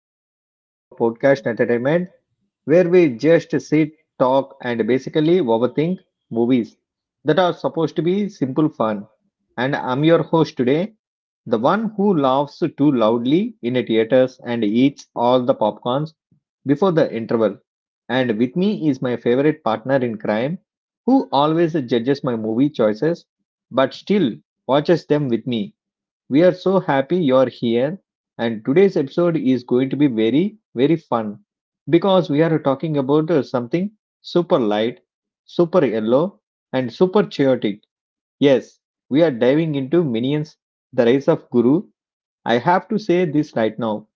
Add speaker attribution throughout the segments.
Speaker 1: another episode of our podcast Entertainment, where we just sit, talk, and basically overthink movies that are supposed to be simple fun. And I'm your host today, the one who laughs too loudly in the theaters and eats all the popcorns before the interval. And with me is my favorite partner in crime, who always judges my movie choices, but still watches them with me. We are so happy you're here, and today's episode is going to be very, very fun because we are talking about something super light, super yellow, and super chaotic. Yes, we are diving into Minions, The Rise of Guru. I have to say this right now.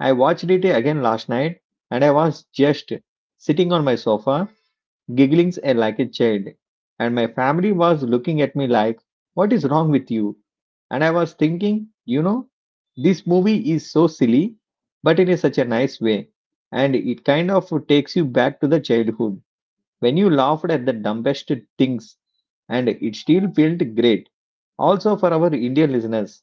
Speaker 1: I watched it again last night and I was just sitting on my sofa giggling like a child. And my family was looking at me like, what is wrong with you? And I was thinking, this movie is so silly, but in a such a nice way. And it kind of takes you back to the childhood when you laughed at the dumbest things, and it still felt great. Also, for our Indian listeners,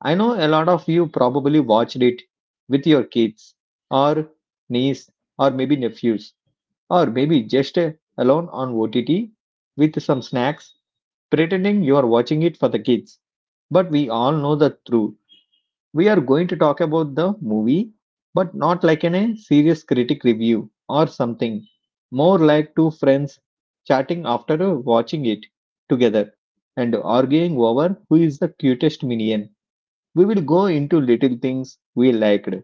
Speaker 1: I know a lot of you probably watched it with your kids or niece or maybe nephews or maybe just alone on OTT with some snacks, pretending you are watching it for the kids. But we all know the truth. We are going to talk about the movie, but not like in a serious critic review or something. More like two friends chatting after watching it together and arguing over who is the cutest minion. We will go into little things we liked,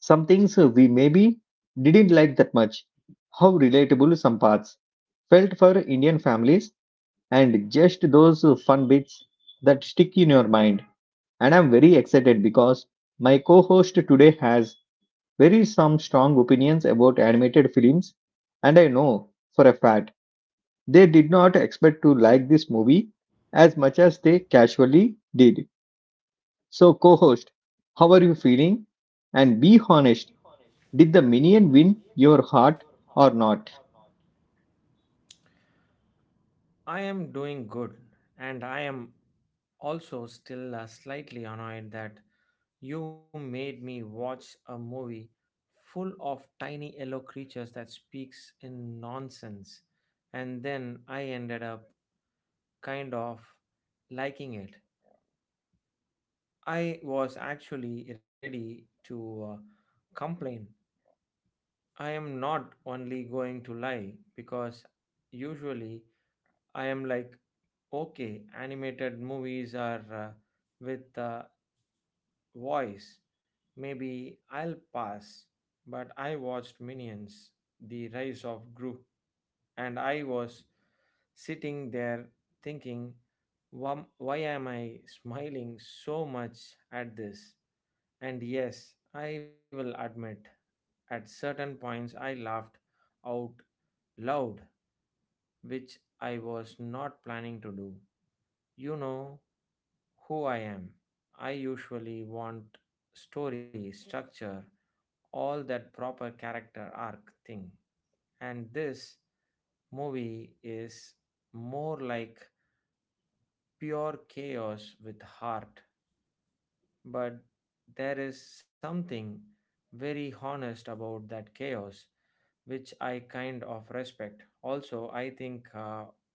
Speaker 1: some things we maybe didn't like that much, how relatable some parts felt for Indian families, and just those fun bits that stick in your mind. And I'm very excited because my co host today has very some strong opinions about animated films, and I know for a fact they did not expect to like this movie as much as they casually did. So, co host, how are you feeling? And be honest, did the minion win your heart or not?
Speaker 2: I am doing good, and I am also still slightly annoyed that you made me watch a movie full of tiny yellow creatures that speaks in nonsense, and then I ended up kind of liking it. I was actually ready to complain. I am not only going to lie because usually I am like, okay, animated movies are with voice. Maybe I'll pass. But I watched Minions, The Rise of Gru, and I was sitting there thinking, " why am I smiling so much at this? And yes, I will admit, at certain points I laughed out loud, which I was not planning to do. You know who I am. I usually want story, structure, all that proper character arc thing. And this movie is more like pure chaos with heart. But there is something very honest about that chaos, which I kind of respect. Also, I think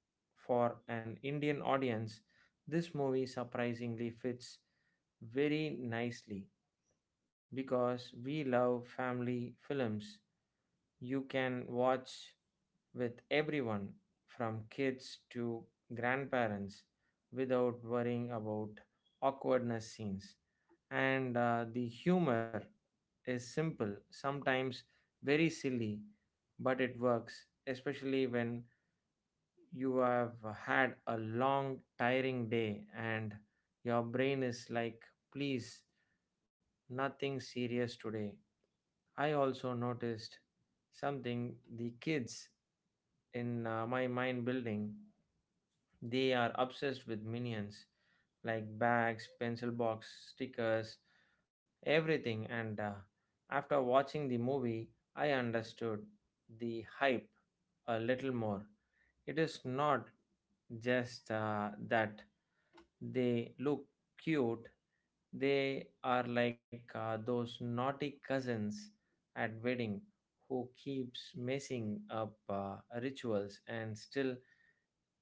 Speaker 2: for an Indian audience, this movie surprisingly fits very nicely because we love family films you can watch with everyone from kids to grandparents without worrying about awkwardness scenes, and the humor is simple, sometimes very silly, but it works, especially when you have had a long, tiring day, and your brain is like, please, nothing serious today. I also noticed something, the kids in my mind building, they are obsessed with minions like bags, pencil box, stickers, everything. And after watching the movie, I understood the hype a little more. It is not just that they look cute, they are like those naughty cousins at wedding who keeps messing up rituals and still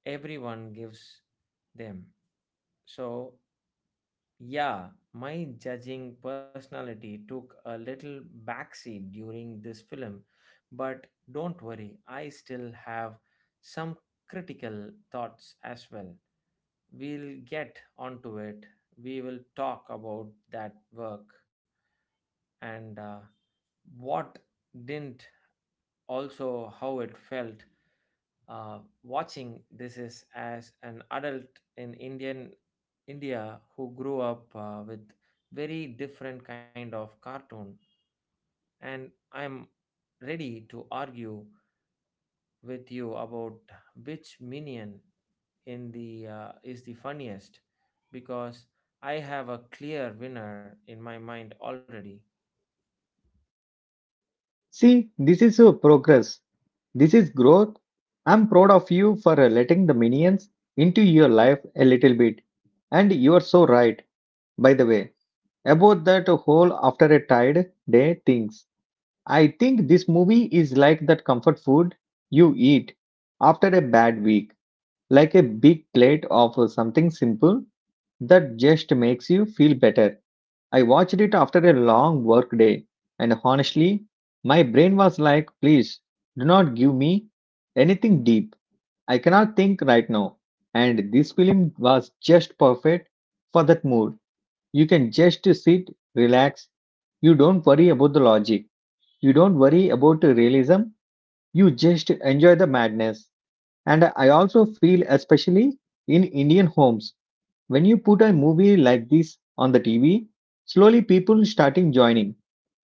Speaker 2: everyone gives them. So yeah, my judging personality took a little backseat during this film, but don't worry, I still have some critical thoughts as well. We'll get onto it. We will talk about that work and what didn't, also how it felt, watching this is as an adult in India, who grew up with very different kind of cartoon, and I am ready to argue with you about which minion in the is the funniest because I have a clear winner in my mind already.
Speaker 1: See, this is your progress. This is growth. I'm proud of you for letting the minions into your life a little bit. And you are so right, by the way, about that whole after a tired day things. I think this movie is like that comfort food you eat after a bad week, like a big plate of something simple that just makes you feel better. I watched it after a long work day, and honestly, my brain was like, please do not give me anything deep. I cannot think right now. And this film was just perfect for that mood. You can just sit, relax. You don't worry about the logic. You don't worry about the realism. You just enjoy the madness. And I also feel, especially in Indian homes, when you put a movie like this on the TV, slowly people starting joining.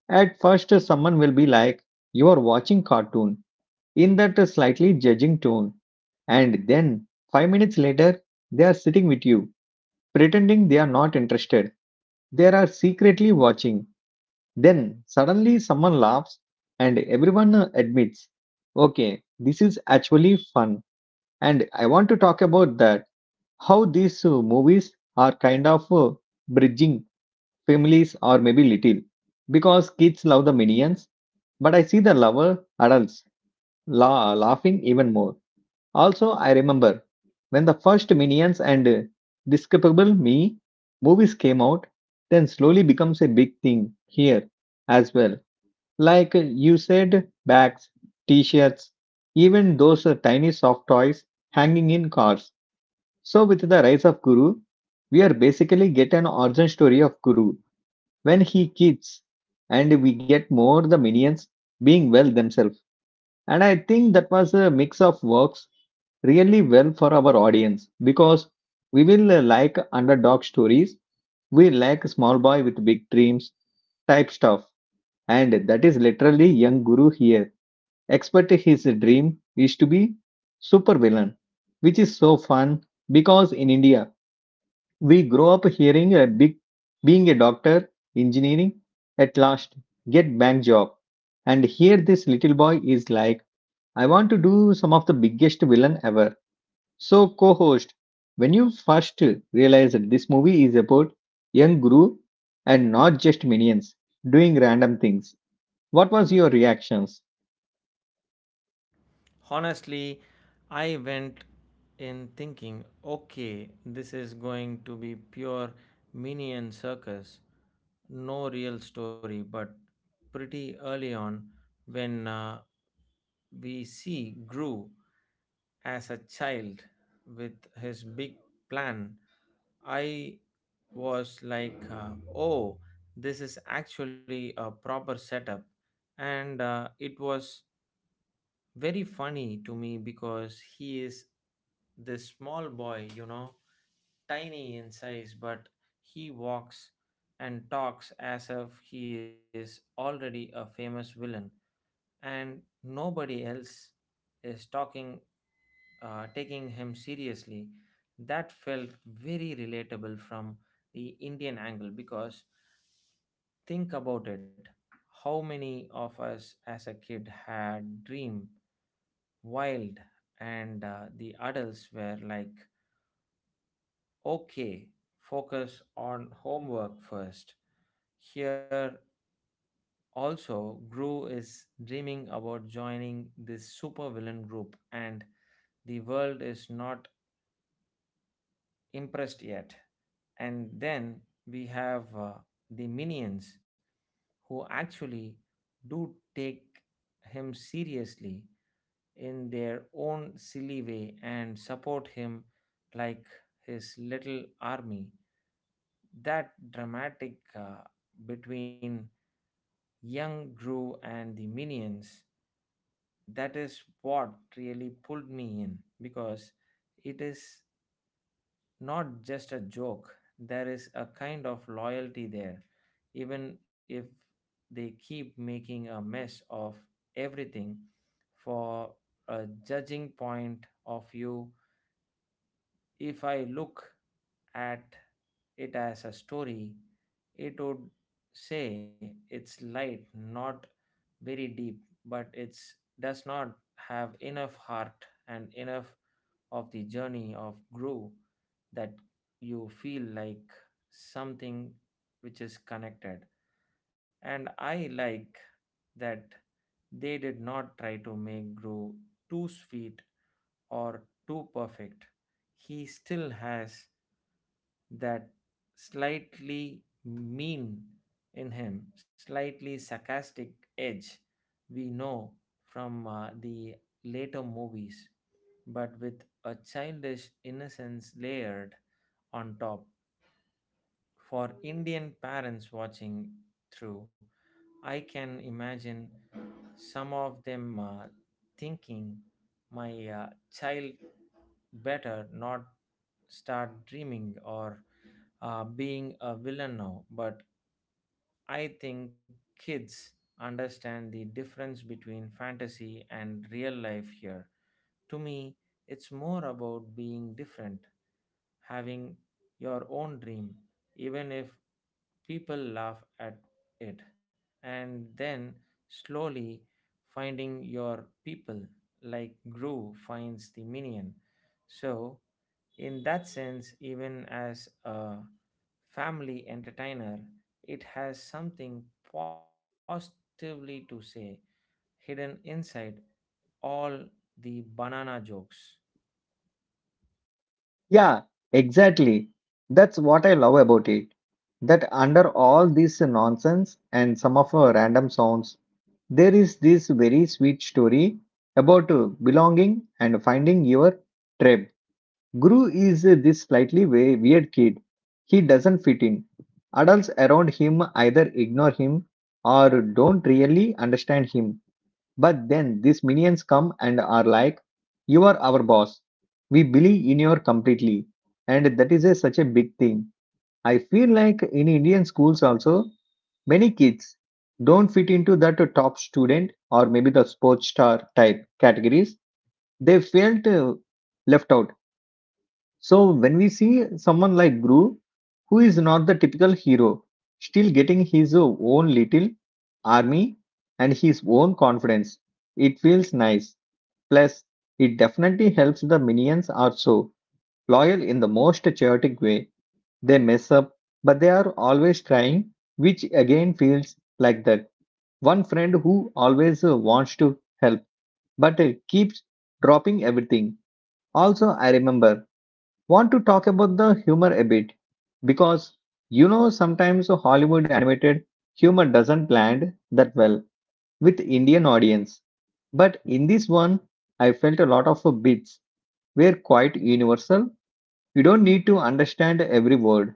Speaker 1: At first, someone will be like, you are watching cartoon in that slightly judging tone. And then, 5 minutes later, they are sitting with you, pretending they are not interested. They are secretly watching. Then, suddenly, someone laughs and everyone admits, okay, this is actually fun. And I want to talk about that, how these movies are kind of bridging families or maybe little, because kids love the minions, but I see the lover adults laughing even more. Also, I remember when the first Minions and Despicable Me movies came out, then slowly becomes a big thing here as well. Like you said, bags, t-shirts, even those tiny soft toys hanging in cars. So with the rise of Guru, we are basically get an origin story of Guru when he keeps, and we get more the minions being well themselves, and I think that was a mix of works really well for our audience because we will like underdog stories, we like small boy with big dreams type stuff, and that is literally young guru here. Expert his dream is to be super villain, which is so fun because in india we grow up hearing a big, being a doctor, engineering, at last, get bank job. And here this little boy is like, I want to do some of the biggest villain ever. So co-host, when you first realized that this movie is about young Guru and not just minions doing random things, what was your reactions?
Speaker 2: Honestly, I went in thinking, okay, this is going to be pure minion circus, no real story. But pretty early on, when we see Gru as a child with his big plan, I was like, oh, this is actually a proper setup. And it was very funny to me because he is this small boy, you know, tiny in size, but he walks and talks as if he is already a famous villain, and nobody else is talking, taking him seriously. That felt very relatable from the Indian angle because think about it, how many of us as a kid had dream wild, and the adults were like, okay, focus on homework first. Here also, Gru is dreaming about joining this supervillain group, and the world is not impressed yet. And then we have the minions who actually do take him seriously in their own silly way and support him like his little army. That dramatic between young Gru and the minions, that is what really pulled me in because it is not just a joke. There is a kind of loyalty there, even if they keep making a mess of everything. For a judging point of view, if I look at it as a story, it would say it's light, not very deep, but it does not have enough heart and enough of the journey of grow that you feel like something which is connected. And I like that they did not try to make grow too sweet or too perfect. He still has that slightly mean in him, slightly sarcastic edge we know from the later movies, but with a childish innocence layered on top. For Indian parents watching through, I can imagine some of them thinking, my child better not start dreaming or being a villain now. But I think kids understand the difference between fantasy and real life here. To me, it's more about being different, having your own dream, even if people laugh at it, and then slowly finding your people, like Gru finds the minion. So, in that sense, even as a family entertainer, it has something positively to say hidden inside all the banana jokes.
Speaker 1: Yeah, exactly. That's what I love about it. That under all this nonsense and some of our random sounds, there is this very sweet story about belonging and finding your tribe. Guru is this slightly weird kid. He doesn't fit in. Adults around him either ignore him or don't really understand him. But then these minions come and are like, you are our boss. We believe in you completely. And that is a, such a big thing. I feel like in Indian schools also, many kids don't fit into that top student or maybe the sports star type categories. They felt left out. So when we see someone like Gru, who is not the typical hero, still getting his own little army and his own confidence, it feels nice. Plus, it definitely helps the minions are so loyal in the most chaotic way. They mess up, but they are always trying, which again feels like that one friend who always wants to help but keeps dropping everything. Also, I remember want to talk about the humor a bit because you know sometimes Hollywood animated humor doesn't land that well with Indian audience. But in this one, I felt a lot of bits were quite universal. You don't need to understand every word.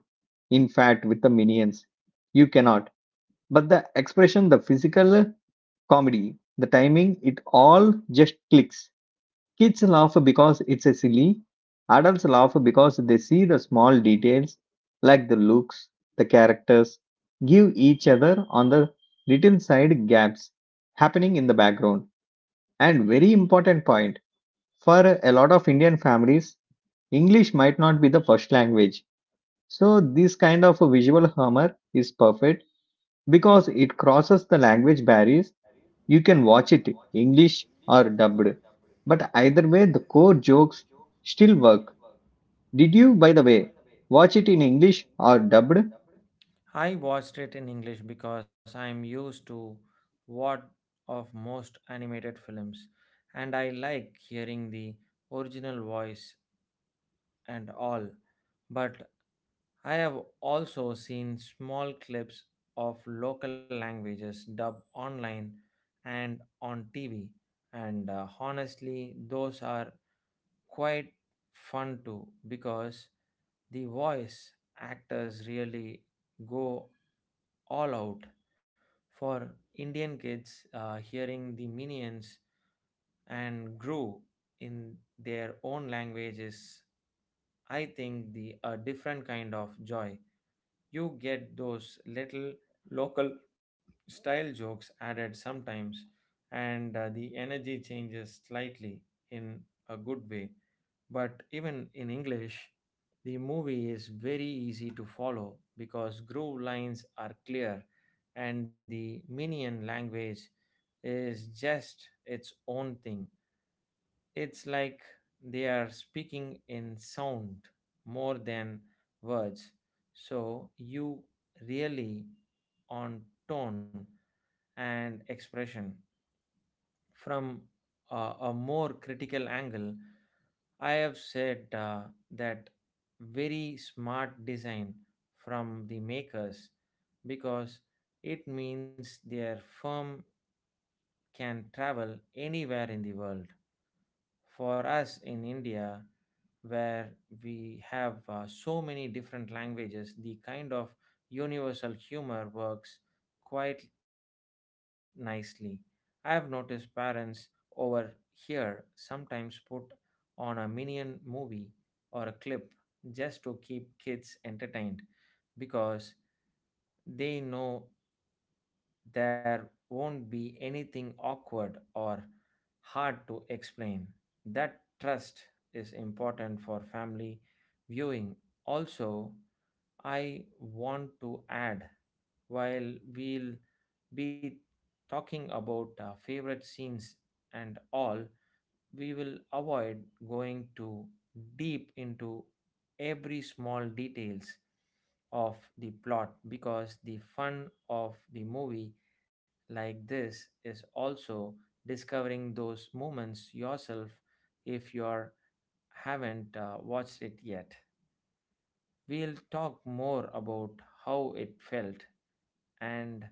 Speaker 1: In fact, with the minions, you cannot. But the expression, the physical comedy, the timing, it all just clicks. Kids laugh because it's a silly, adults laugh because they see the small details like the looks, the characters, give each other on the little side gaps happening in the background. And very important point, for a lot of Indian families, English might not be the first language. So this kind of a visual humor is perfect because it crosses the language barriers. You can watch it English or dubbed, but either way the core jokes still work. Did you, by the way, watch it in English or dubbed?
Speaker 2: I watched it in English because I'm used to what of most animated films, and I like hearing the original voice and all. But I have also seen small clips of local languages dubbed online and on TV, and honestly those are quite fun too because the voice actors really go all out. For Indian kids hearing the minions and grew in their own languages, I think the a different kind of joy. You get those little local style jokes added sometimes, and the energy changes slightly in a good way. But even in English, the movie is very easy to follow because groove lines are clear and the Minion language is just its own thing. It's like they are speaking in sound more than words. So you really on tone and expression. From a more critical angle, I have said that very smart design from the makers because it means their firm can travel anywhere in the world. For us in India, where we have so many different languages, the kind of universal humor works quite nicely. I have noticed parents over here sometimes put on a minion movie or a clip just to keep kids entertained because they know there won't be anything awkward or hard to explain. That trust is important for family viewing. Also, I want to add, while we'll be talking about our favorite scenes and all, we will avoid going too deep into every small details of the plot because the fun of the movie like this is also discovering those moments yourself if you are haven't watched it yet. We'll talk more about how it felt and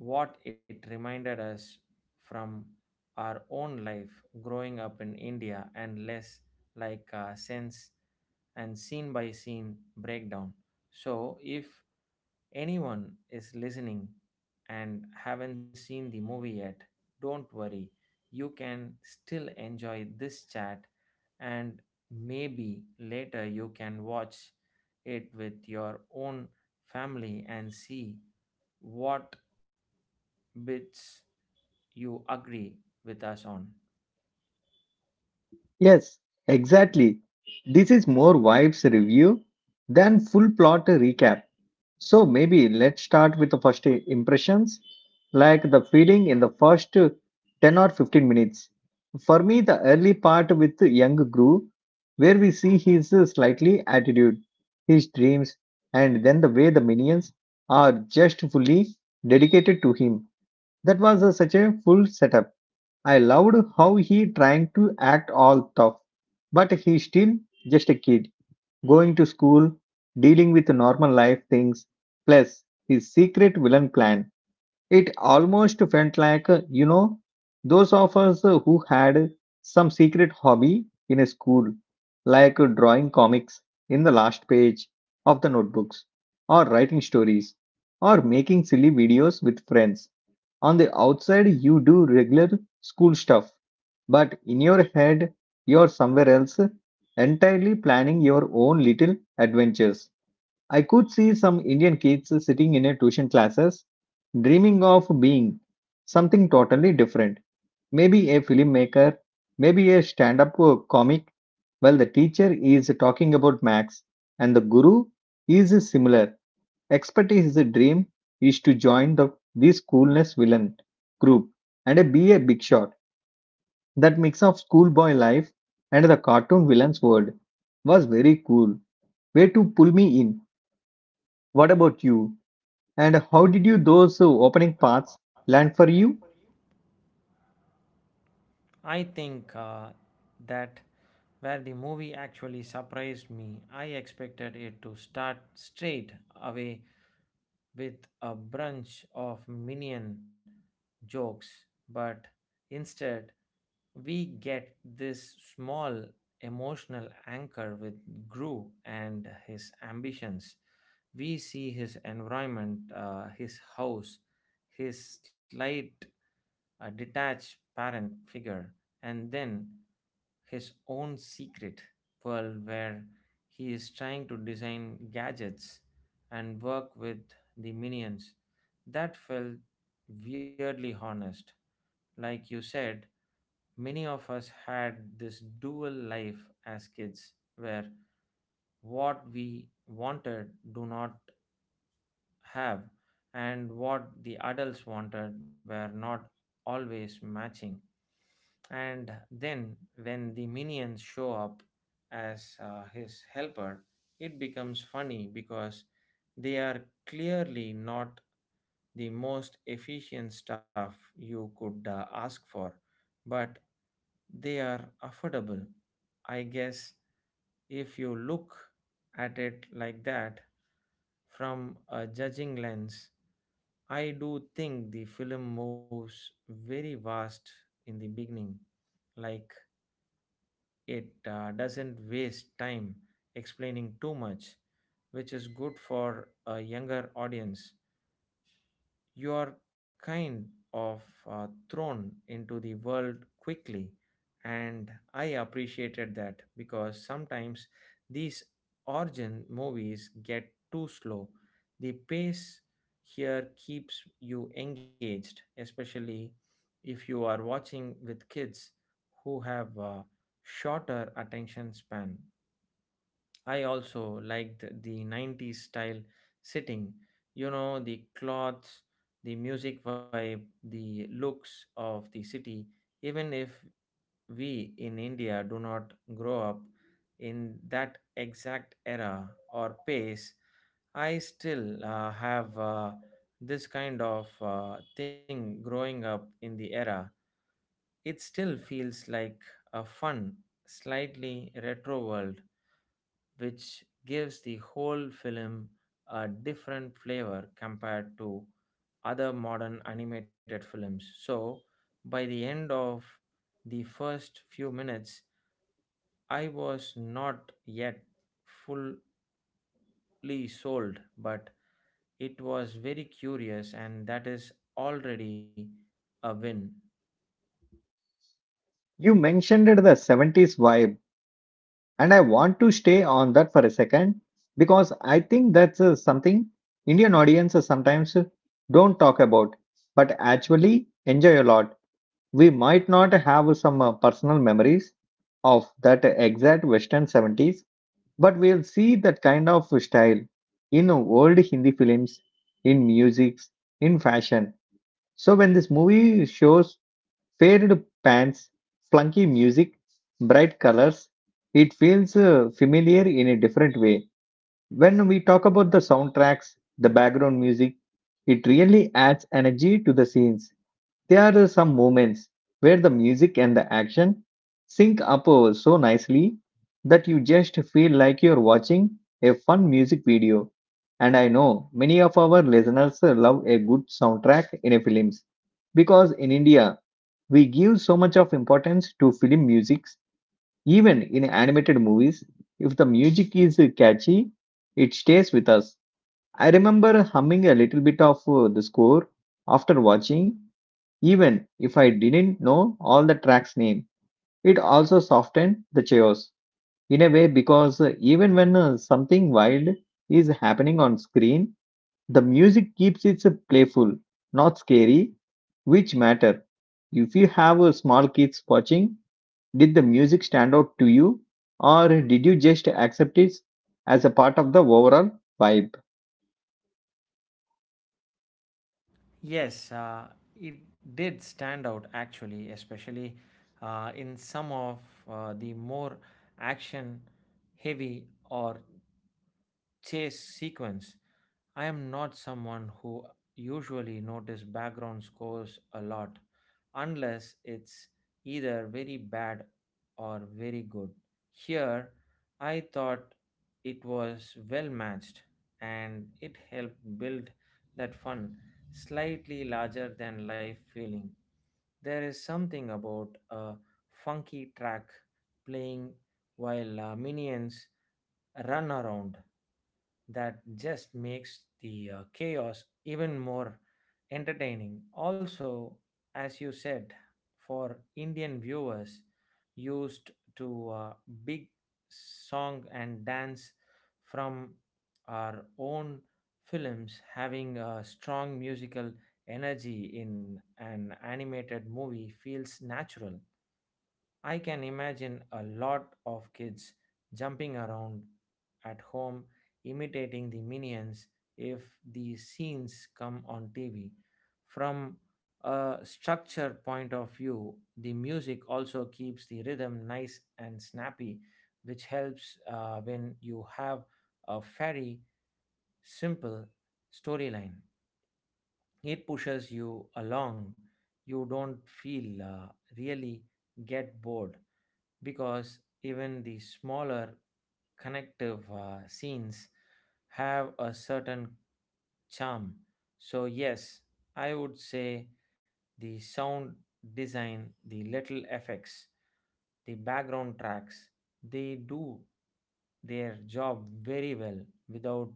Speaker 2: what it reminded us from our own life growing up in India, and less like a sense and scene by scene breakdown. So, if anyone is listening and haven't seen the movie yet, don't worry. You can still enjoy this chat, and maybe later you can watch it with your own family and see what bits you agree with us on.
Speaker 1: Yes, exactly. This is more vibes review than full plot recap. So maybe let's start with the first impressions, like the feeling in the first 10 or 15 minutes. For me, the early part with young Gru, where we see his slightly attitude, his dreams, and then the way the minions are just fully dedicated to him. That was a- such a full setup. I loved how he trying to act all tough, but he's still just a kid going to school, dealing with normal life things, plus his secret villain plan. It almost felt like, you know, those of us who had some secret hobby in a school, like drawing comics in the last page of the notebooks, or writing stories, or making silly videos with friends. On the outside, you do regular school stuff, but in your head, you're somewhere else, entirely planning your own little adventures. I could see some Indian kids sitting in a tuition classes, dreaming of being something totally different. Maybe a filmmaker, maybe a stand-up comic, well, the teacher is talking about max and the guru is similar. Expert is the dream is to join the this coolness villain group and be a big shot. That mix of schoolboy life and the cartoon villain's world was very cool. Way to pull me in. What about you? And how did you those opening paths land for you?
Speaker 2: I think that where the movie actually surprised me. I expected it to start straight away with a bunch of minion jokes, but instead we get this small emotional anchor with Gru and his ambitions. We see his environment, his house, his slight, detached parent figure, and then his own secret world where he is trying to design gadgets and work with the minions. That felt weirdly honest. Like you said, many of us had this dual life as kids where what we wanted do not have and what the adults wanted were not always matching. And then, when the minions show up as his helper, it becomes funny because they are clearly not the most efficient stuff you could ask for, but they are affordable. I guess if you look at it like that from a judging lens, I do think the film moves very fast in the beginning, like it doesn't waste time explaining too much, which is good for a younger audience. You are kind of thrown into the world quickly, and I appreciated that because sometimes these origin movies get too slow. The pace here keeps you engaged, especially if you are watching with kids who have a shorter attention span. I also liked the 90s style setting. You know, the clothes, the music vibe, the looks of the city. Even if we in India do not grow up in that exact era or pace, I still have this kind of thing growing up in the era. It still feels like a fun, slightly retro world which gives the whole film a different flavor compared to other modern animated films. So, by the end of the first few minutes, I was not yet fully sold, but it was very curious, and that is already a win.
Speaker 1: You mentioned the 70s vibe, and I want to stay on that for a second because I think that's something Indian audiences sometimes don't talk about, but actually enjoy a lot. We might not have some personal memories of that exact Western 70s, but we'll see that kind of style in old Hindi films, in music, in fashion. So when this movie shows faded pants, flunky music, bright colors, it feels familiar in a different way. When we talk about the soundtracks, the background music, it really adds energy to the scenes. There are some moments where the music and the action sync up so nicely that you just feel like you're watching a fun music video. And I know many of our listeners love a good soundtrack in a films because in India we give so much of importance to film musics. Even in animated movies, if the music is catchy it stays with us. I remember humming a little bit of the score after watching even if I didn't know all the tracks name. It also softened the chaos in a way because even when something wild is happening on screen, the music keeps it playful, not scary, which matter. If you have small kids watching, did the music stand out to you or did you just accept it as a part of the overall vibe?
Speaker 2: Yes, it did stand out actually, especially in some of the more action heavy or chase sequence. I am not someone who usually notice background scores a lot unless it's either very bad or very good. Here I thought it was well matched and it helped build that fun, slightly larger than life feeling. There is something about a funky track playing while minions run around. That just makes the chaos even more entertaining. Also, as you said, for Indian viewers used to big song and dance from our own films, having a strong musical energy in an animated movie feels natural. I can imagine a lot of kids jumping around at home imitating the minions if these scenes come on TV. From a structure point of view, the music also keeps the rhythm nice and snappy, which helps when you have a very simple storyline. It pushes you along. You don't feel really get bored because even the smaller connective scenes have a certain charm. So, yes, I would say the sound design, the little effects, the background tracks, they do their job very well without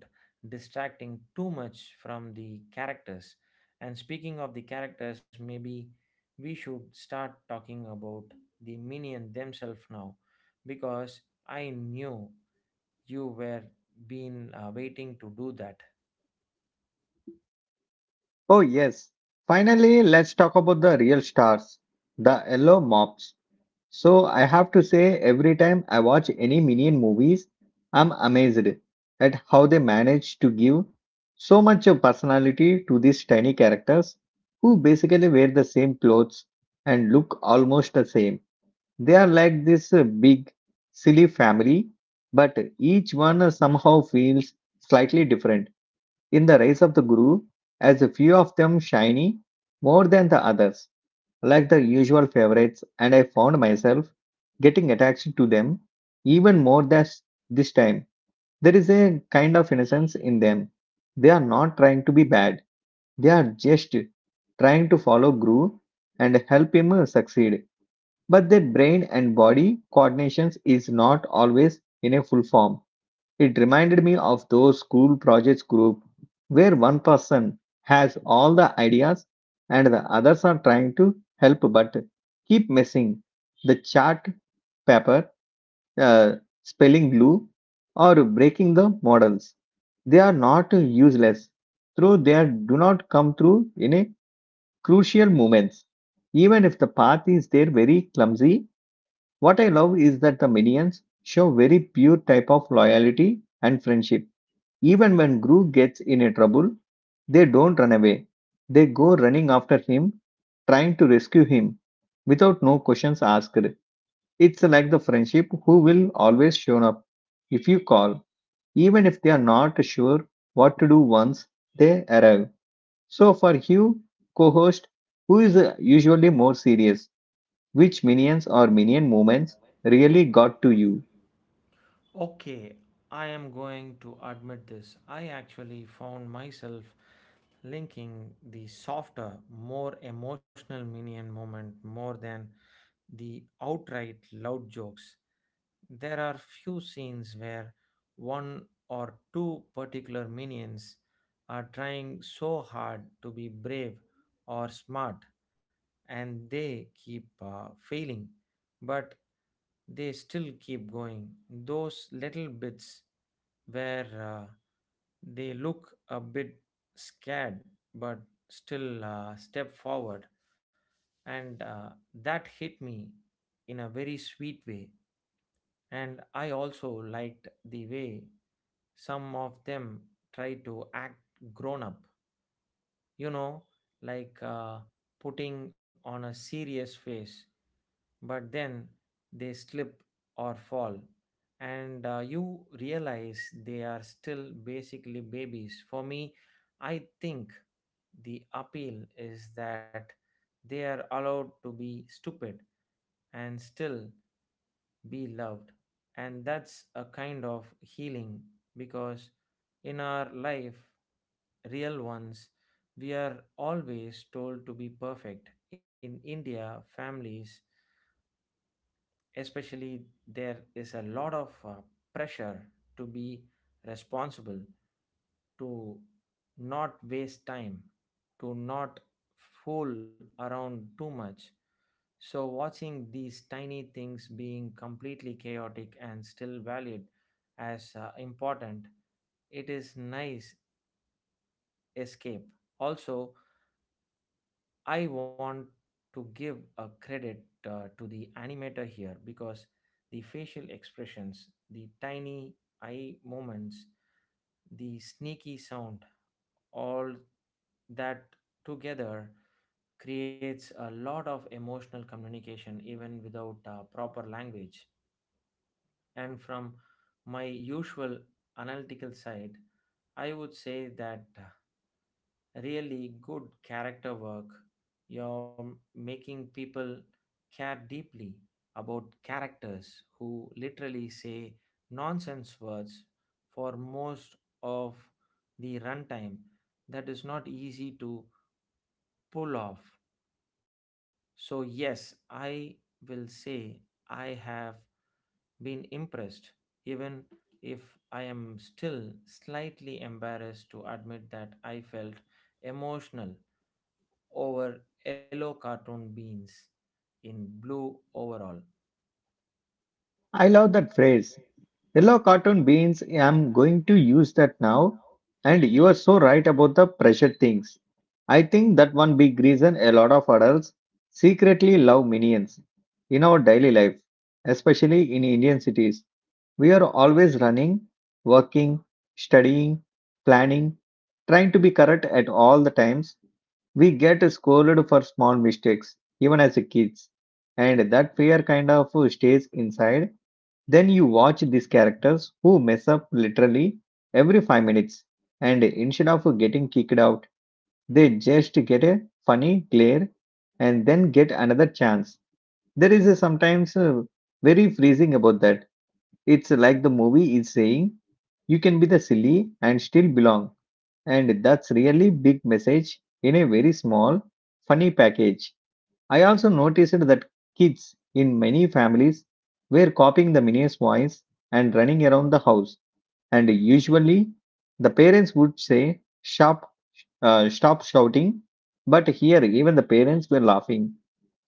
Speaker 2: distracting too much from the characters. And speaking of the characters, maybe we should start talking about the minion themselves now because I knew you were been waiting to do that.
Speaker 1: Oh yes. Finally, let's talk about the real stars, the yellow mops. So I have to say, every time I watch any Minion movies, I'm amazed at how they manage to give so much of personality to these tiny characters who basically wear the same clothes and look almost the same. They are like this big, silly family, but each one somehow feels slightly different. In the Rise of the Guru, as a few of them shiny more than the others, like the usual favorites, and I found myself getting attached to them even more this time. There is a kind of innocence in them. They are not trying to be bad, they are just trying to follow Gru and help him succeed. But their brain and body coordinations is not always in a full form. It reminded me of those school projects group where one person has all the ideas and the others are trying to help but keep messing the chart paper, uh, spelling glue, or breaking the models. They are not useless, though they do not come through in a crucial moments. Even if the path is there very clumsy, what I love is that the minions show very pure type of loyalty and friendship even when Gru gets in a trouble, they don't run away. They go running after him, trying to rescue him without no questions asked. It's like the friendship who will always show up if you call, even if they are not sure what to do once they arrive. So for Hugh, co-host, who is usually more serious, which minions or minion moments really got to you?
Speaker 2: Okay, I am going to admit this. I actually found myself linking the softer, more emotional Minion moment more than the outright loud jokes. There are few scenes where one or two particular minions are trying so hard to be brave or smart and they keep failing but they still keep going. Those little bits where they look a bit scared but still step forward, and that hit me in a very sweet way. And I also liked the way some of them try to act grown up, you know, like putting on a serious face, but then they slip or fall, and you realize they are still basically babies. For me, I think the appeal is that they are allowed to be stupid and still be loved. And that's a kind of healing because in our life, real ones, we are always told to be perfect. In India, families, especially, there is a lot of pressure to be responsible, to not waste time, to not fool around too much. So, watching these tiny things being completely chaotic and still valued as important, it is nice escape. Also, I want to give a credit to the animator here because the facial expressions, the tiny eye movements, the sneaky sound, all that together creates a lot of emotional communication even without proper language. And from my usual analytical side, I would say that really good character work. You're making people care deeply about characters who literally say nonsense words for most of the runtime. That is not easy to pull off. So, yes, I will say I have been impressed, even if I am still slightly embarrassed to admit that I felt emotional over yellow cartoon beans in blue overall?
Speaker 1: I love that phrase. Yellow cotton beans, I'm going to use that now. And you are so right about the pressure things. I think that one big reason a lot of adults secretly love minions in our daily life, especially in Indian cities. We are always running, working, studying, planning, trying to be correct at all the times. We get scolded for small mistakes, even as a kids, and that fear kind of stays inside. Then you watch these characters who mess up literally every 5 minutes, and instead of getting kicked out, they just get a funny glare and then get another chance. There is a sometimes very freezing about that. It's like the movie is saying, you can be the silly and still belong, and that's really big message in a very small funny package. I also noticed that kids in many families were copying the minier's voice and running around the house, and usually the parents would say stop, stop shouting, but here even the parents were laughing.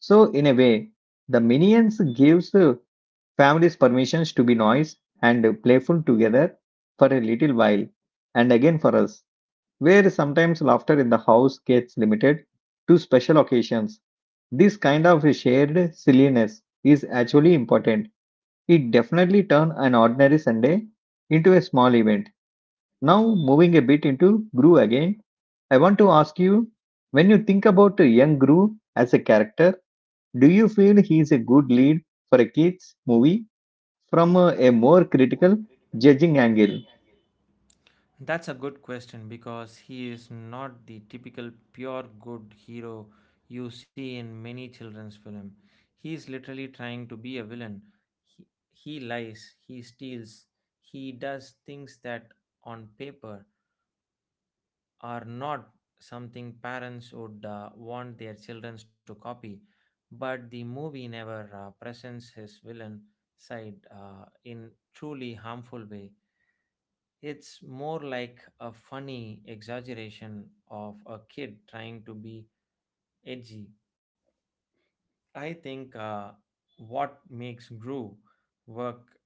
Speaker 1: So in a way, the minions gives the families permissions to be noise and playful together for a little while. And again for us, where sometimes laughter in the house gets limited to special occasions. This kind of a shared silliness is actually important. It definitely turns an ordinary Sunday into a small event. Now, moving a bit into Gru again, I want to ask you, when you think about a young Gru as a character, do you feel he is a good lead for a kids' movie from a more critical judging angle?
Speaker 2: That's a good question because he is not the typical pure good hero you see in many children's film. He is literally trying to be a villain. He lies, he steals, he does things that on paper are not something parents would want their children to copy, but the movie never presents his villain side in truly harmful way. It's more like a funny exaggeration of a kid trying to be edgy. I think what makes Gru work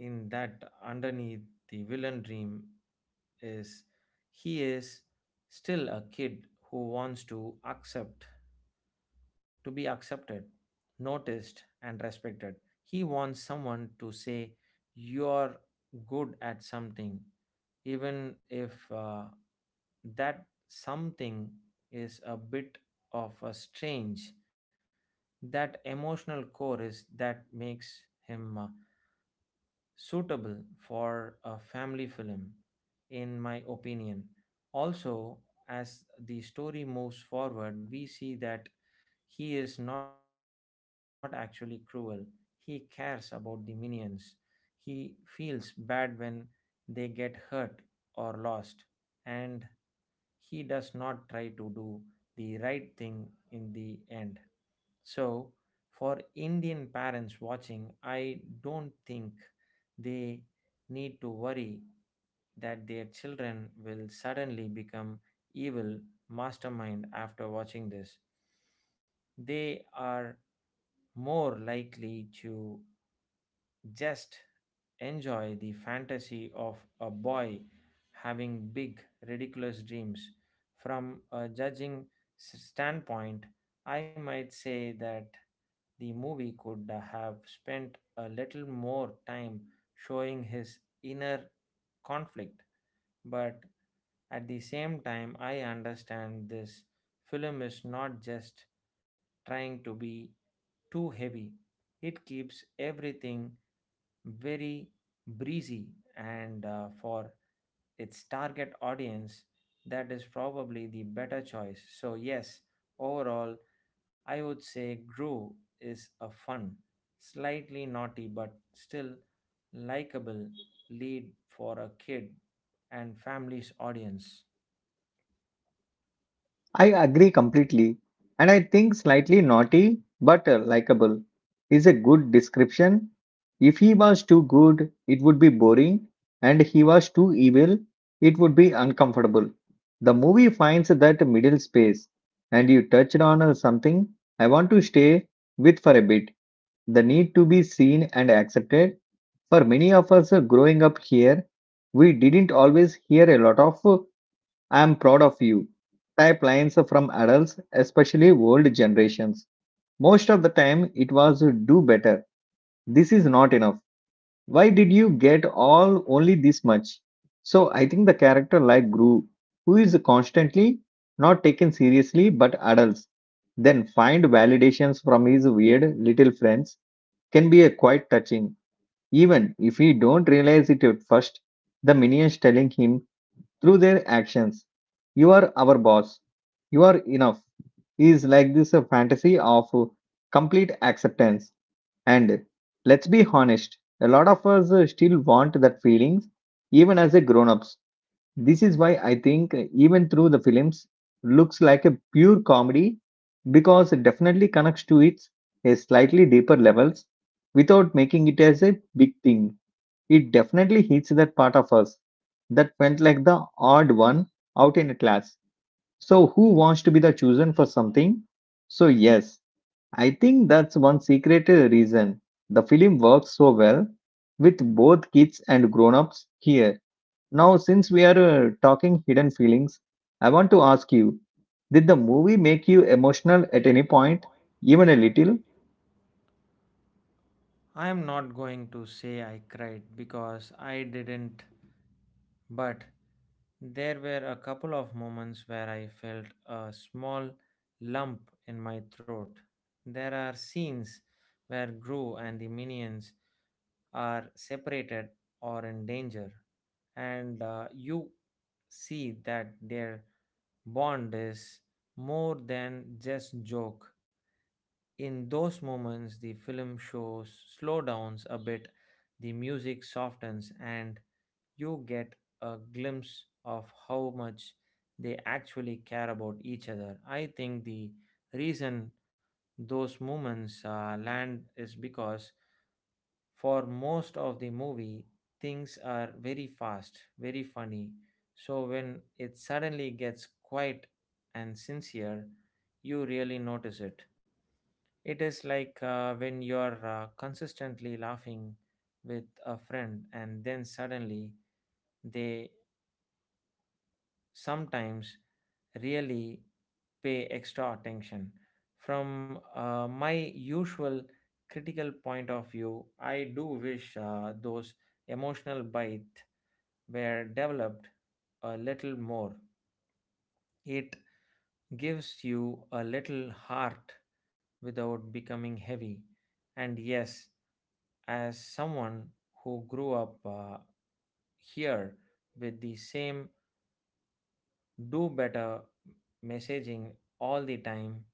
Speaker 2: in that underneath the villain dream is he is still a kid who wants to be accepted, noticed and respected. He wants someone to say you're good at something even if that something is a bit of a strange. That emotional core is that makes him suitable for a family film, in my opinion. Also, as the story moves forward, we see that he is not actually cruel. He cares about the minions. He feels bad when they get hurt or lost, and he does not try to do the right thing in the end. So, for Indian parents watching, I don't think they need to worry that their children will suddenly become evil mastermind after watching this. They are more likely to just enjoy the fantasy of a boy having big, ridiculous dreams. From a judging standpoint, I might say that the movie could have spent a little more time showing his inner conflict, but at the same time, I understand this film is not just trying to be too heavy, it keeps everything very breezy, and for its target audience that is probably the better choice. So, yes, overall I would say Gru is a fun, slightly naughty but still likable lead for a kid and family's audience.
Speaker 1: I agree completely. And I think slightly naughty but likable is a good description. If he was too good, it would be boring, and he was too evil, it would be uncomfortable. The movie finds that middle space, and you touched on something I want to stay with for a bit, the need to be seen and accepted. For many of us growing up here, we didn't always hear a lot of I'm proud of you. Type lines from adults, especially old generations. Most of the time, it was do better. This is not enough. Why did you get all only this much? So I think the character like Gru, who is constantly not taken seriously but adults, then find validations from his weird little friends can be a quite touching. Even if he don't realize it at first, the minions telling him through their actions. You are our boss. You are enough is like this fantasy of complete acceptance. And let's be honest, a lot of us still want that feelings even as a grown-ups. This is why I think even through the films looks like a pure comedy because it definitely connects to its a slightly deeper levels without making it as a big thing. It definitely hits that part of us that went like the odd one out in a class. So, who wants to be the chosen for something? So, yes, I think that's one secret reason the film works so well with both kids and grown ups here. Now, since we are talking hidden feelings, I want to ask you, did the movie make you emotional at any point, even a little?
Speaker 2: I am not going to say I cried because I didn't, but there were a couple of moments where I felt a small lump in my throat. There are scenes where Gru and the minions are separated or in danger and you see that their bond is more than just joke. In those moments the film shows slowdowns a bit, the music softens and you get a glimpse of how much they actually care about each other. I think the reason those moments land is because for most of the movie, things are very fast, very funny. So when it suddenly gets quiet and sincere, you really notice it. It is like when you're consistently laughing with a friend and then suddenly they sometimes really pay extra attention. From my usual critical point of view, I do wish those emotional bites were developed a little more. It gives you a little heart without becoming heavy. And yes, as someone who grew up here with the same do better messaging all the time,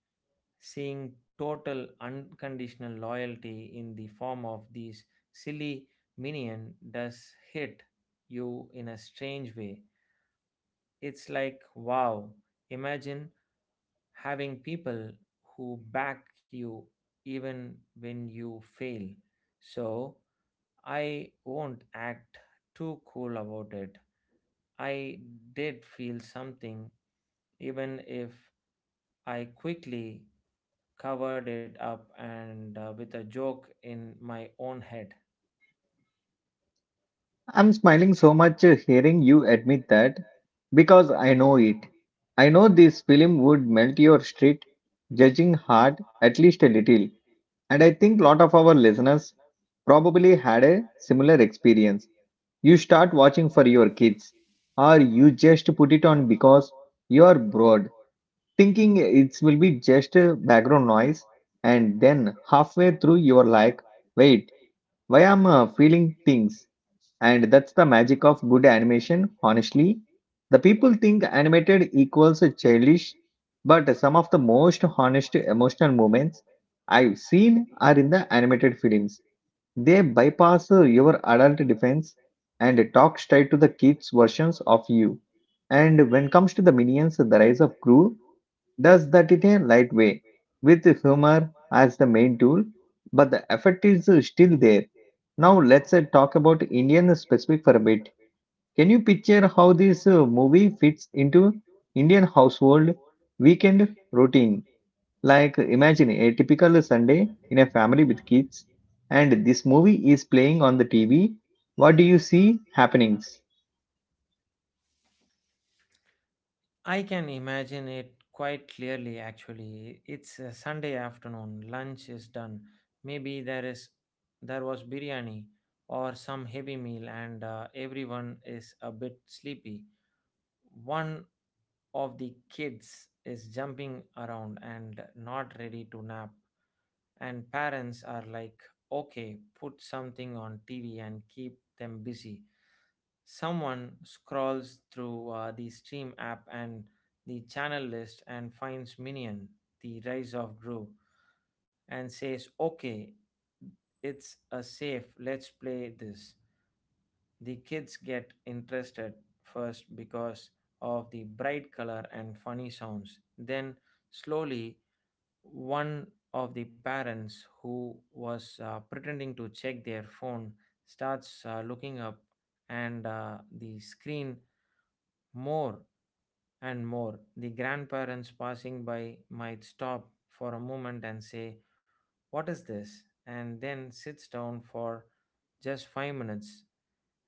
Speaker 2: seeing total unconditional loyalty in the form of these silly minion does hit you in a strange way. It's like, wow, imagine having people who back you even when you fail. So I won't act too cool about it. I did feel something, even if I quickly covered it up and with a joke in my own head.
Speaker 1: I'm smiling so much hearing you admit that because I know it. I know this film would melt your street judging heart at least a little, and I think lot of our listeners probably had a similar experience. You start watching for your kids, or you just put it on because you are bored, thinking it will be just a background noise, and then halfway through you are like, wait, why am I feeling things? And that's the magic of good animation, honestly. The people think animated equals childish, but some of the most honest emotional moments I've seen are in the animated films. They bypass your adult defense and talk straight to the kids' versions of you. And when it comes to the minions, the rise of Gru, does that in a light way, with humor as the main tool, but the effect is still there. Now let's talk about Indian specific for a bit. Can you picture how this movie fits into Indian household weekend routine? Like imagine a typical Sunday in a family with kids, and this movie is playing on the TV. What do you see happenings?
Speaker 2: I can imagine it quite clearly actually. It's a Sunday afternoon, lunch is done. Maybe there is there was biryani or some heavy meal and everyone is a bit sleepy. One of the kids is jumping around and not ready to nap and parents are like okay, put something on TV and keep them busy. Someone scrolls through the stream app and the channel list and finds Minion, The Rise of Gru, and says, Okay, it's a safe, let's play this. The kids get interested first because of the bright color and funny sounds. Then, slowly, one of the parents who was pretending to check their phone starts looking up, and the screen more and more, the grandparents passing by might stop for a moment and say, what is this? And then sits down for just 5 minutes.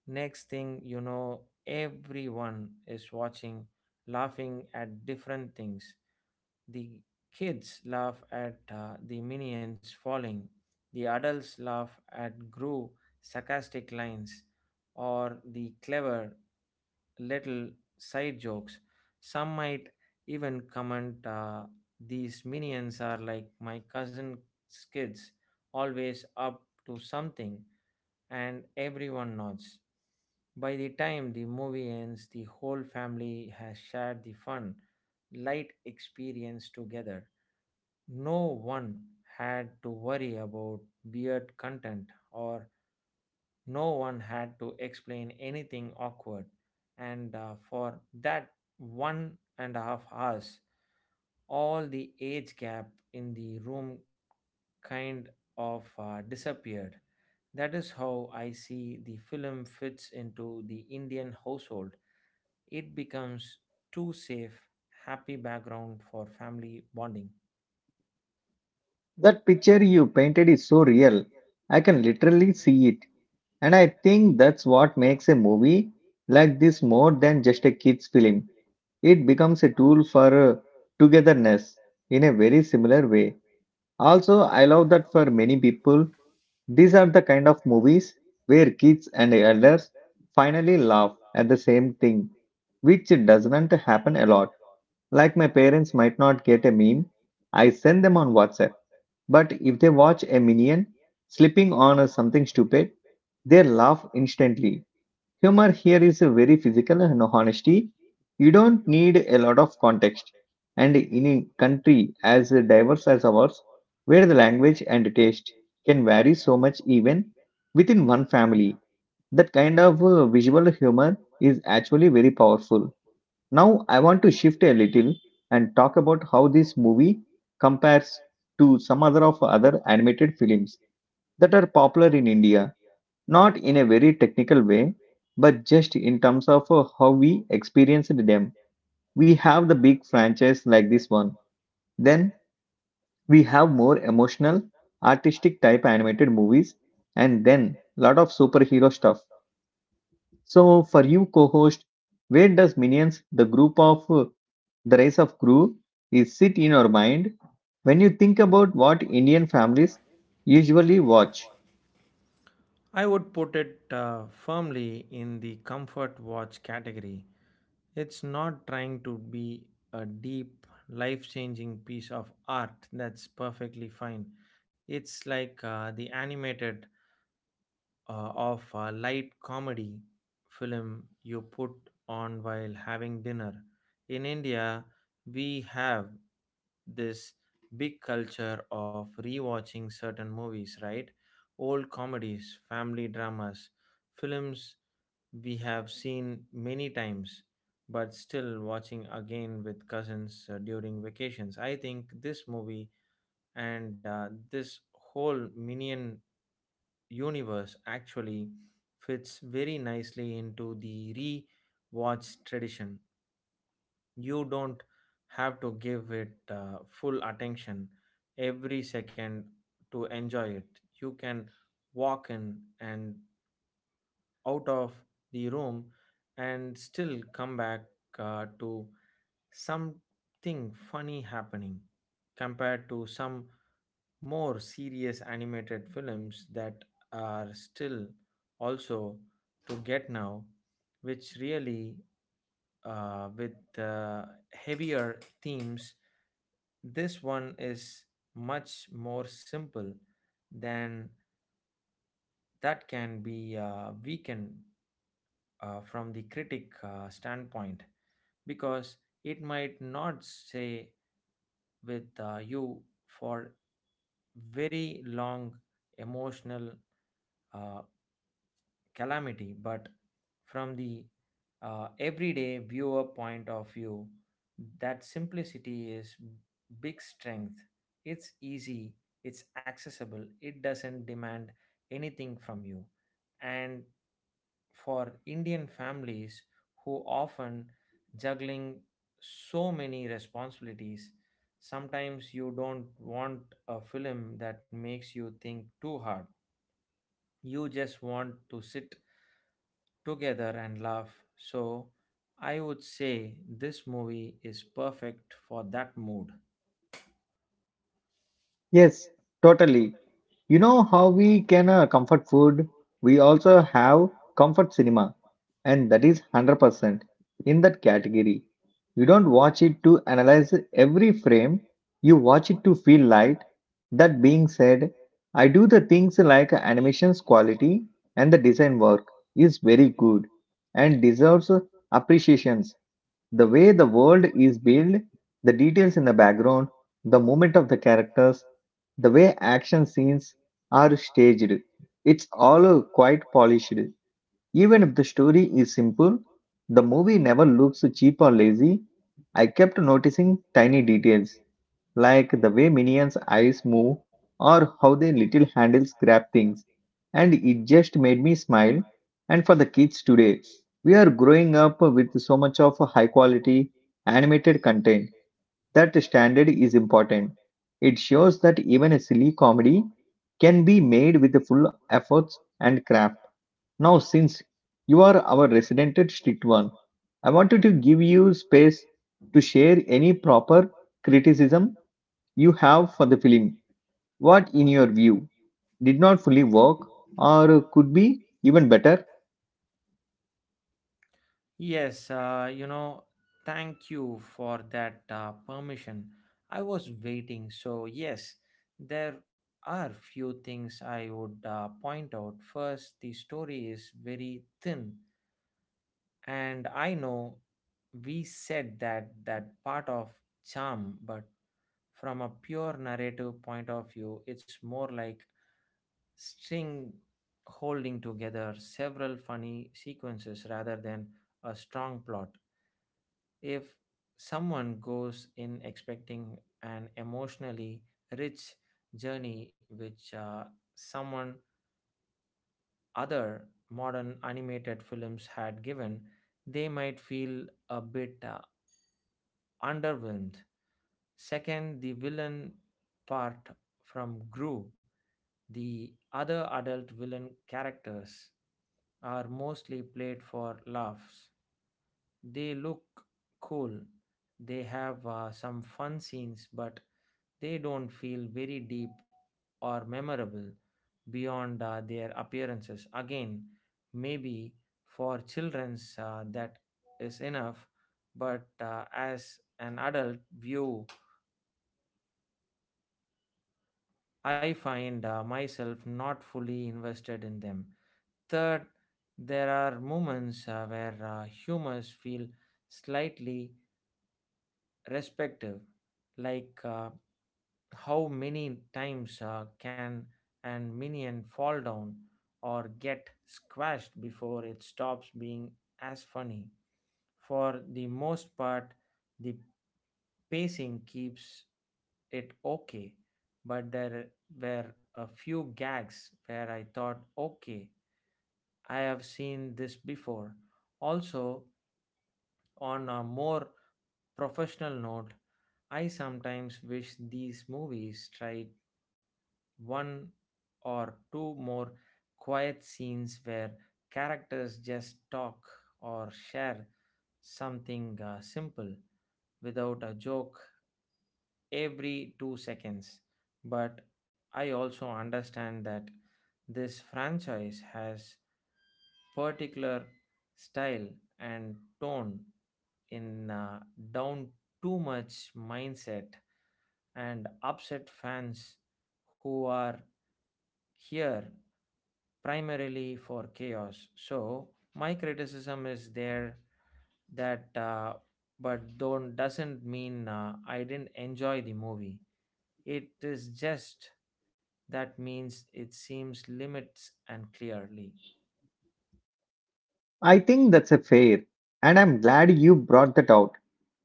Speaker 2: Next thing you know, everyone is watching, laughing at different things. The kids laugh at the minions falling, the adults laugh at Gru sarcastic lines or the clever little side jokes. Some might even comment, these minions are like my cousin kids, always up to something, and everyone nods. By the time the movie ends, the whole family has shared the fun, light experience together. No one had to worry about weird content, or no one had to explain anything awkward. And for that 1.5 hours, all the age gap in the room kind of disappeared. That is how I see the film fits into the Indian household. It becomes too safe, happy background for family bonding.
Speaker 1: That picture you painted is so real. I can literally see it. And I think that's what makes a movie like this more than just a kids film. It becomes a tool for togetherness in a very similar way. Also, I love that for many people, these are the kind of movies where kids and elders finally laugh at the same thing, which doesn't happen a lot. Like my parents might not get a meme, I send them on WhatsApp. But if they watch a minion slipping on something stupid, they laugh instantly. Humor here is a very physical and honesty. You don't need a lot of context. And in a country as diverse as ours, where the language and taste can vary so much even within one family, that kind of visual humor is actually very powerful. Now, I want to shift a little and talk about how this movie compares to some other of other animated films that are popular in India, not in a very technical way, but just in terms of how we experienced them. We have the big franchise like this one. Then we have more emotional, artistic type animated movies, and then lot of superhero stuff. So for you, co-host, where does Minions, the group of the race of crew, is sit in your mind when you think about what Indian families usually watch?
Speaker 2: I would put it firmly in the comfort watch category. It's not trying to be a deep, life changing piece of art, that's perfectly fine. It's like the animated of a light comedy film you put on while having dinner. In India, we have this big culture of rewatching certain movies, right? Old comedies, family dramas, films we have seen many times, but still watching again with cousins during vacations. I think this movie and this whole Minion universe actually fits very nicely into the re-watch tradition. You don't have to give it full attention every second to enjoy it. You can walk in and out of the room and still come back to something funny happening compared to some more serious animated films that are still also to get now, which really with heavier themes. This one is much more simple than that can be weakened from the critic standpoint because it might not stay with you for very long emotional uh, calamity, but from the everyday viewer point of view, that simplicity is big strength. It's easy, it's accessible, it doesn't demand anything from you. And for Indian families who often juggling so many responsibilities, sometimes you don't want a film that makes you think too hard. You just want to sit together and laugh. So I would say this movie is perfect for that mood.
Speaker 1: Yes, totally. You know how we can comfort food? We also have comfort cinema, and that is 100% in that category. You don't watch it to analyze every frame, you watch it to feel light. That being said, I do the things like animation's quality and the design work is very good and deserves appreciation. The way the world is built, the details in the background, the movement of the characters, the way action scenes are staged, it's all quite polished. Even if the story is simple, the movie never looks cheap or lazy. I kept noticing tiny details like the way Minion's eyes move or how their little handles grab things. And it just made me smile. And for the kids today, we are growing up with so much of high quality animated content that standard is important. It shows that even a silly comedy can be made with the full efforts and craft. Now, since you are our resident strict one, I wanted to give you space to share any proper criticism you have for the film. What, in your view, did not fully work or could be even better?
Speaker 2: Yes, you know, thank you for that permission. I was waiting. So, yes, there are few things I would point out. First, the story is very thin, and I know we said that part of charm, but from a pure narrative point of view, it's more like string holding together several funny sequences rather than a strong plot. If someone goes in expecting an emotionally rich journey, which someone other modern animated films had given, they might feel a bit underwhelmed. Second, the villain part from Gru, the other adult villain characters are mostly played for laughs. They look cool, they have some fun scenes, but they don't feel very deep or memorable beyond their appearances. Again, maybe for children's that is enough, but as an adult view, I find myself not fully invested in them. Third, there are moments where humors feel slightly respective, like how many times can an minion fall down or get squashed before it stops being as funny. For the most part, the pacing keeps it okay, but there were a few gags where I thought, okay, I have seen this before. Also, on a more professional note, I sometimes wish these movies tried one or two more quiet scenes where characters just talk or share something simple without a joke every 2 seconds. But I also understand that this franchise has particular style and tone in down too much mindset and upset fans who are here primarily for chaos. So my criticism is there that but don't doesn't mean I didn't enjoy the movie. It is just that means it seems limits and clearly.
Speaker 1: I think that's a fair, and I'm glad you brought that out.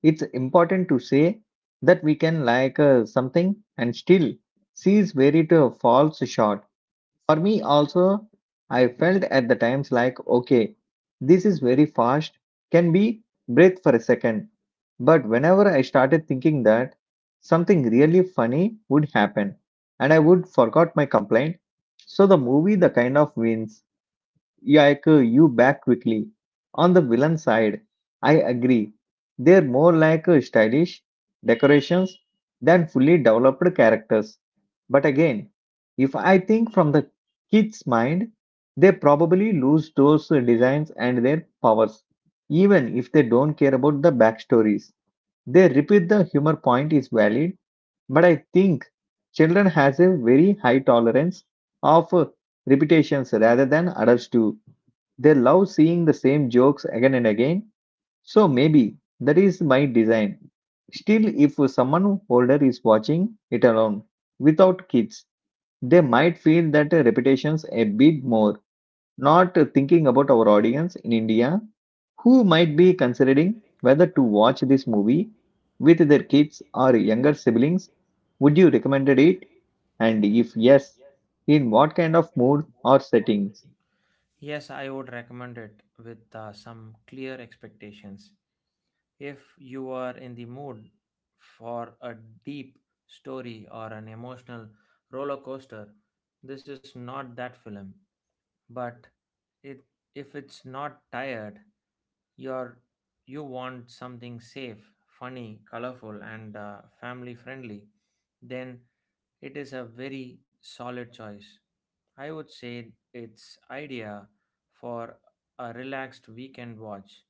Speaker 1: It's important to say that we can like something and still sees where it falls short. For me, also, I felt at the times like, okay, this is very fast, can be breathe for a second. But whenever I started thinking that something really funny would happen and I would forgot my complaint, so the movie the kind of wins. Yaiko you back quickly. On the villain side, I agree. They're more like stylish decorations than fully developed characters. But again, if I think from the kid's mind, they probably lose those designs and their powers. Even if they don't care about the backstories, they repeat the humor point is valid, but I think children has a very high tolerance of repetitions rather than adults do. They love seeing the same jokes again and again. So maybe that is my design. Still, if someone older is watching it alone without kids, they might feel that repetitions a bit more. Not thinking about our audience in India who might be considering whether to watch this movie with their kids or younger siblings, would you recommend it? And if yes, in what kind of mood or settings?
Speaker 2: Yes, I would recommend it with some clear expectations. If you are in the mood for a deep story or an emotional roller coaster, this is not that film. But it, if it's not tired, you're, you want something safe, funny, colorful, and family friendly, then it is a very solid choice. I would say it's idea for a relaxed weekend watch,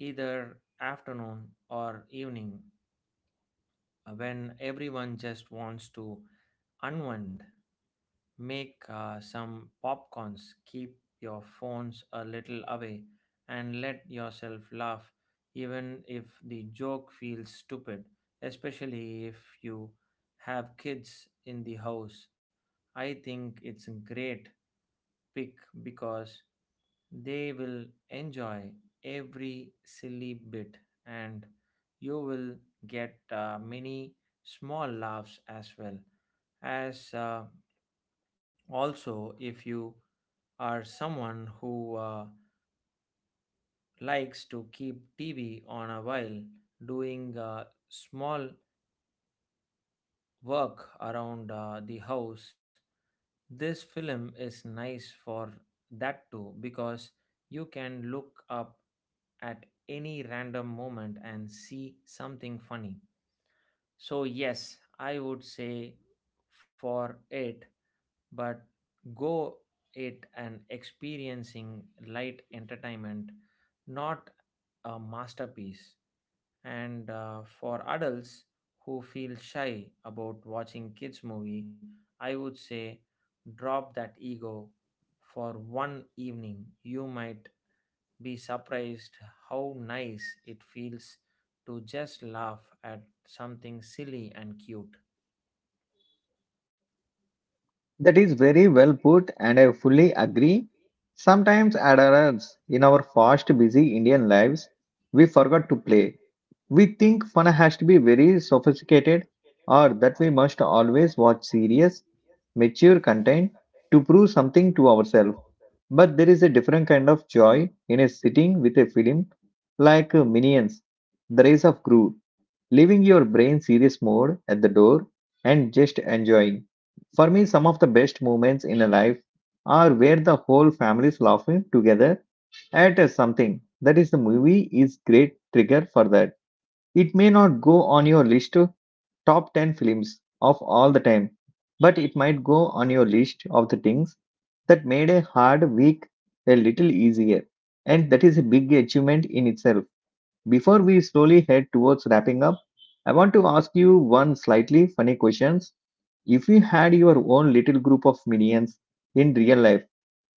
Speaker 2: either afternoon or evening when everyone just wants to unwind, make some popcorns, keep your phones a little away and let yourself laugh even if the joke feels stupid, especially if you have kids in the house. I think it's a great pick because they will enjoy every silly bit and you will get many small laughs as well. As Also if you are someone who likes to keep tv on a while doing small work around the house, this film is nice for that too because you can look up at any random moment and see something funny. So, yes, I would say for it, but go it and experiencing light entertainment, not a masterpiece. And for adults who feel shy about watching kids' movie, I would say drop that ego for one evening. You might be surprised how nice it feels to just laugh at something silly and cute.
Speaker 1: That is very well put, and I fully agree. Sometimes, adults in our fast, busy Indian lives, we forgot to play. We think fun has to be very sophisticated or that we must always watch serious, mature content to prove something to ourselves. But there is a different kind of joy in a sitting with a film like Minions, The Rise of Gru, leaving your brain serious mode at the door and just enjoying. For me, some of the best moments in a life are where the whole family is laughing together at something. That is, the movie is great trigger for that. It may not go on your list of top 10 films of all the time, but it might go on your list of the things that made a hard week a little easier. And that is a big achievement in itself. Before we slowly head towards wrapping up, I want to ask you one slightly funny question. If you had your own little group of minions in real life,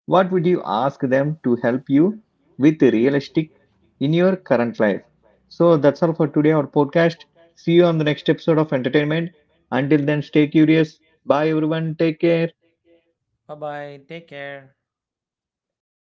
Speaker 1: what would you ask them to help you with realistic in your current life? So that's all for today, our podcast. See you on the next episode of Entertainment. Until then, stay curious. Bye, everyone. Take care.
Speaker 2: Bye bye. Take care.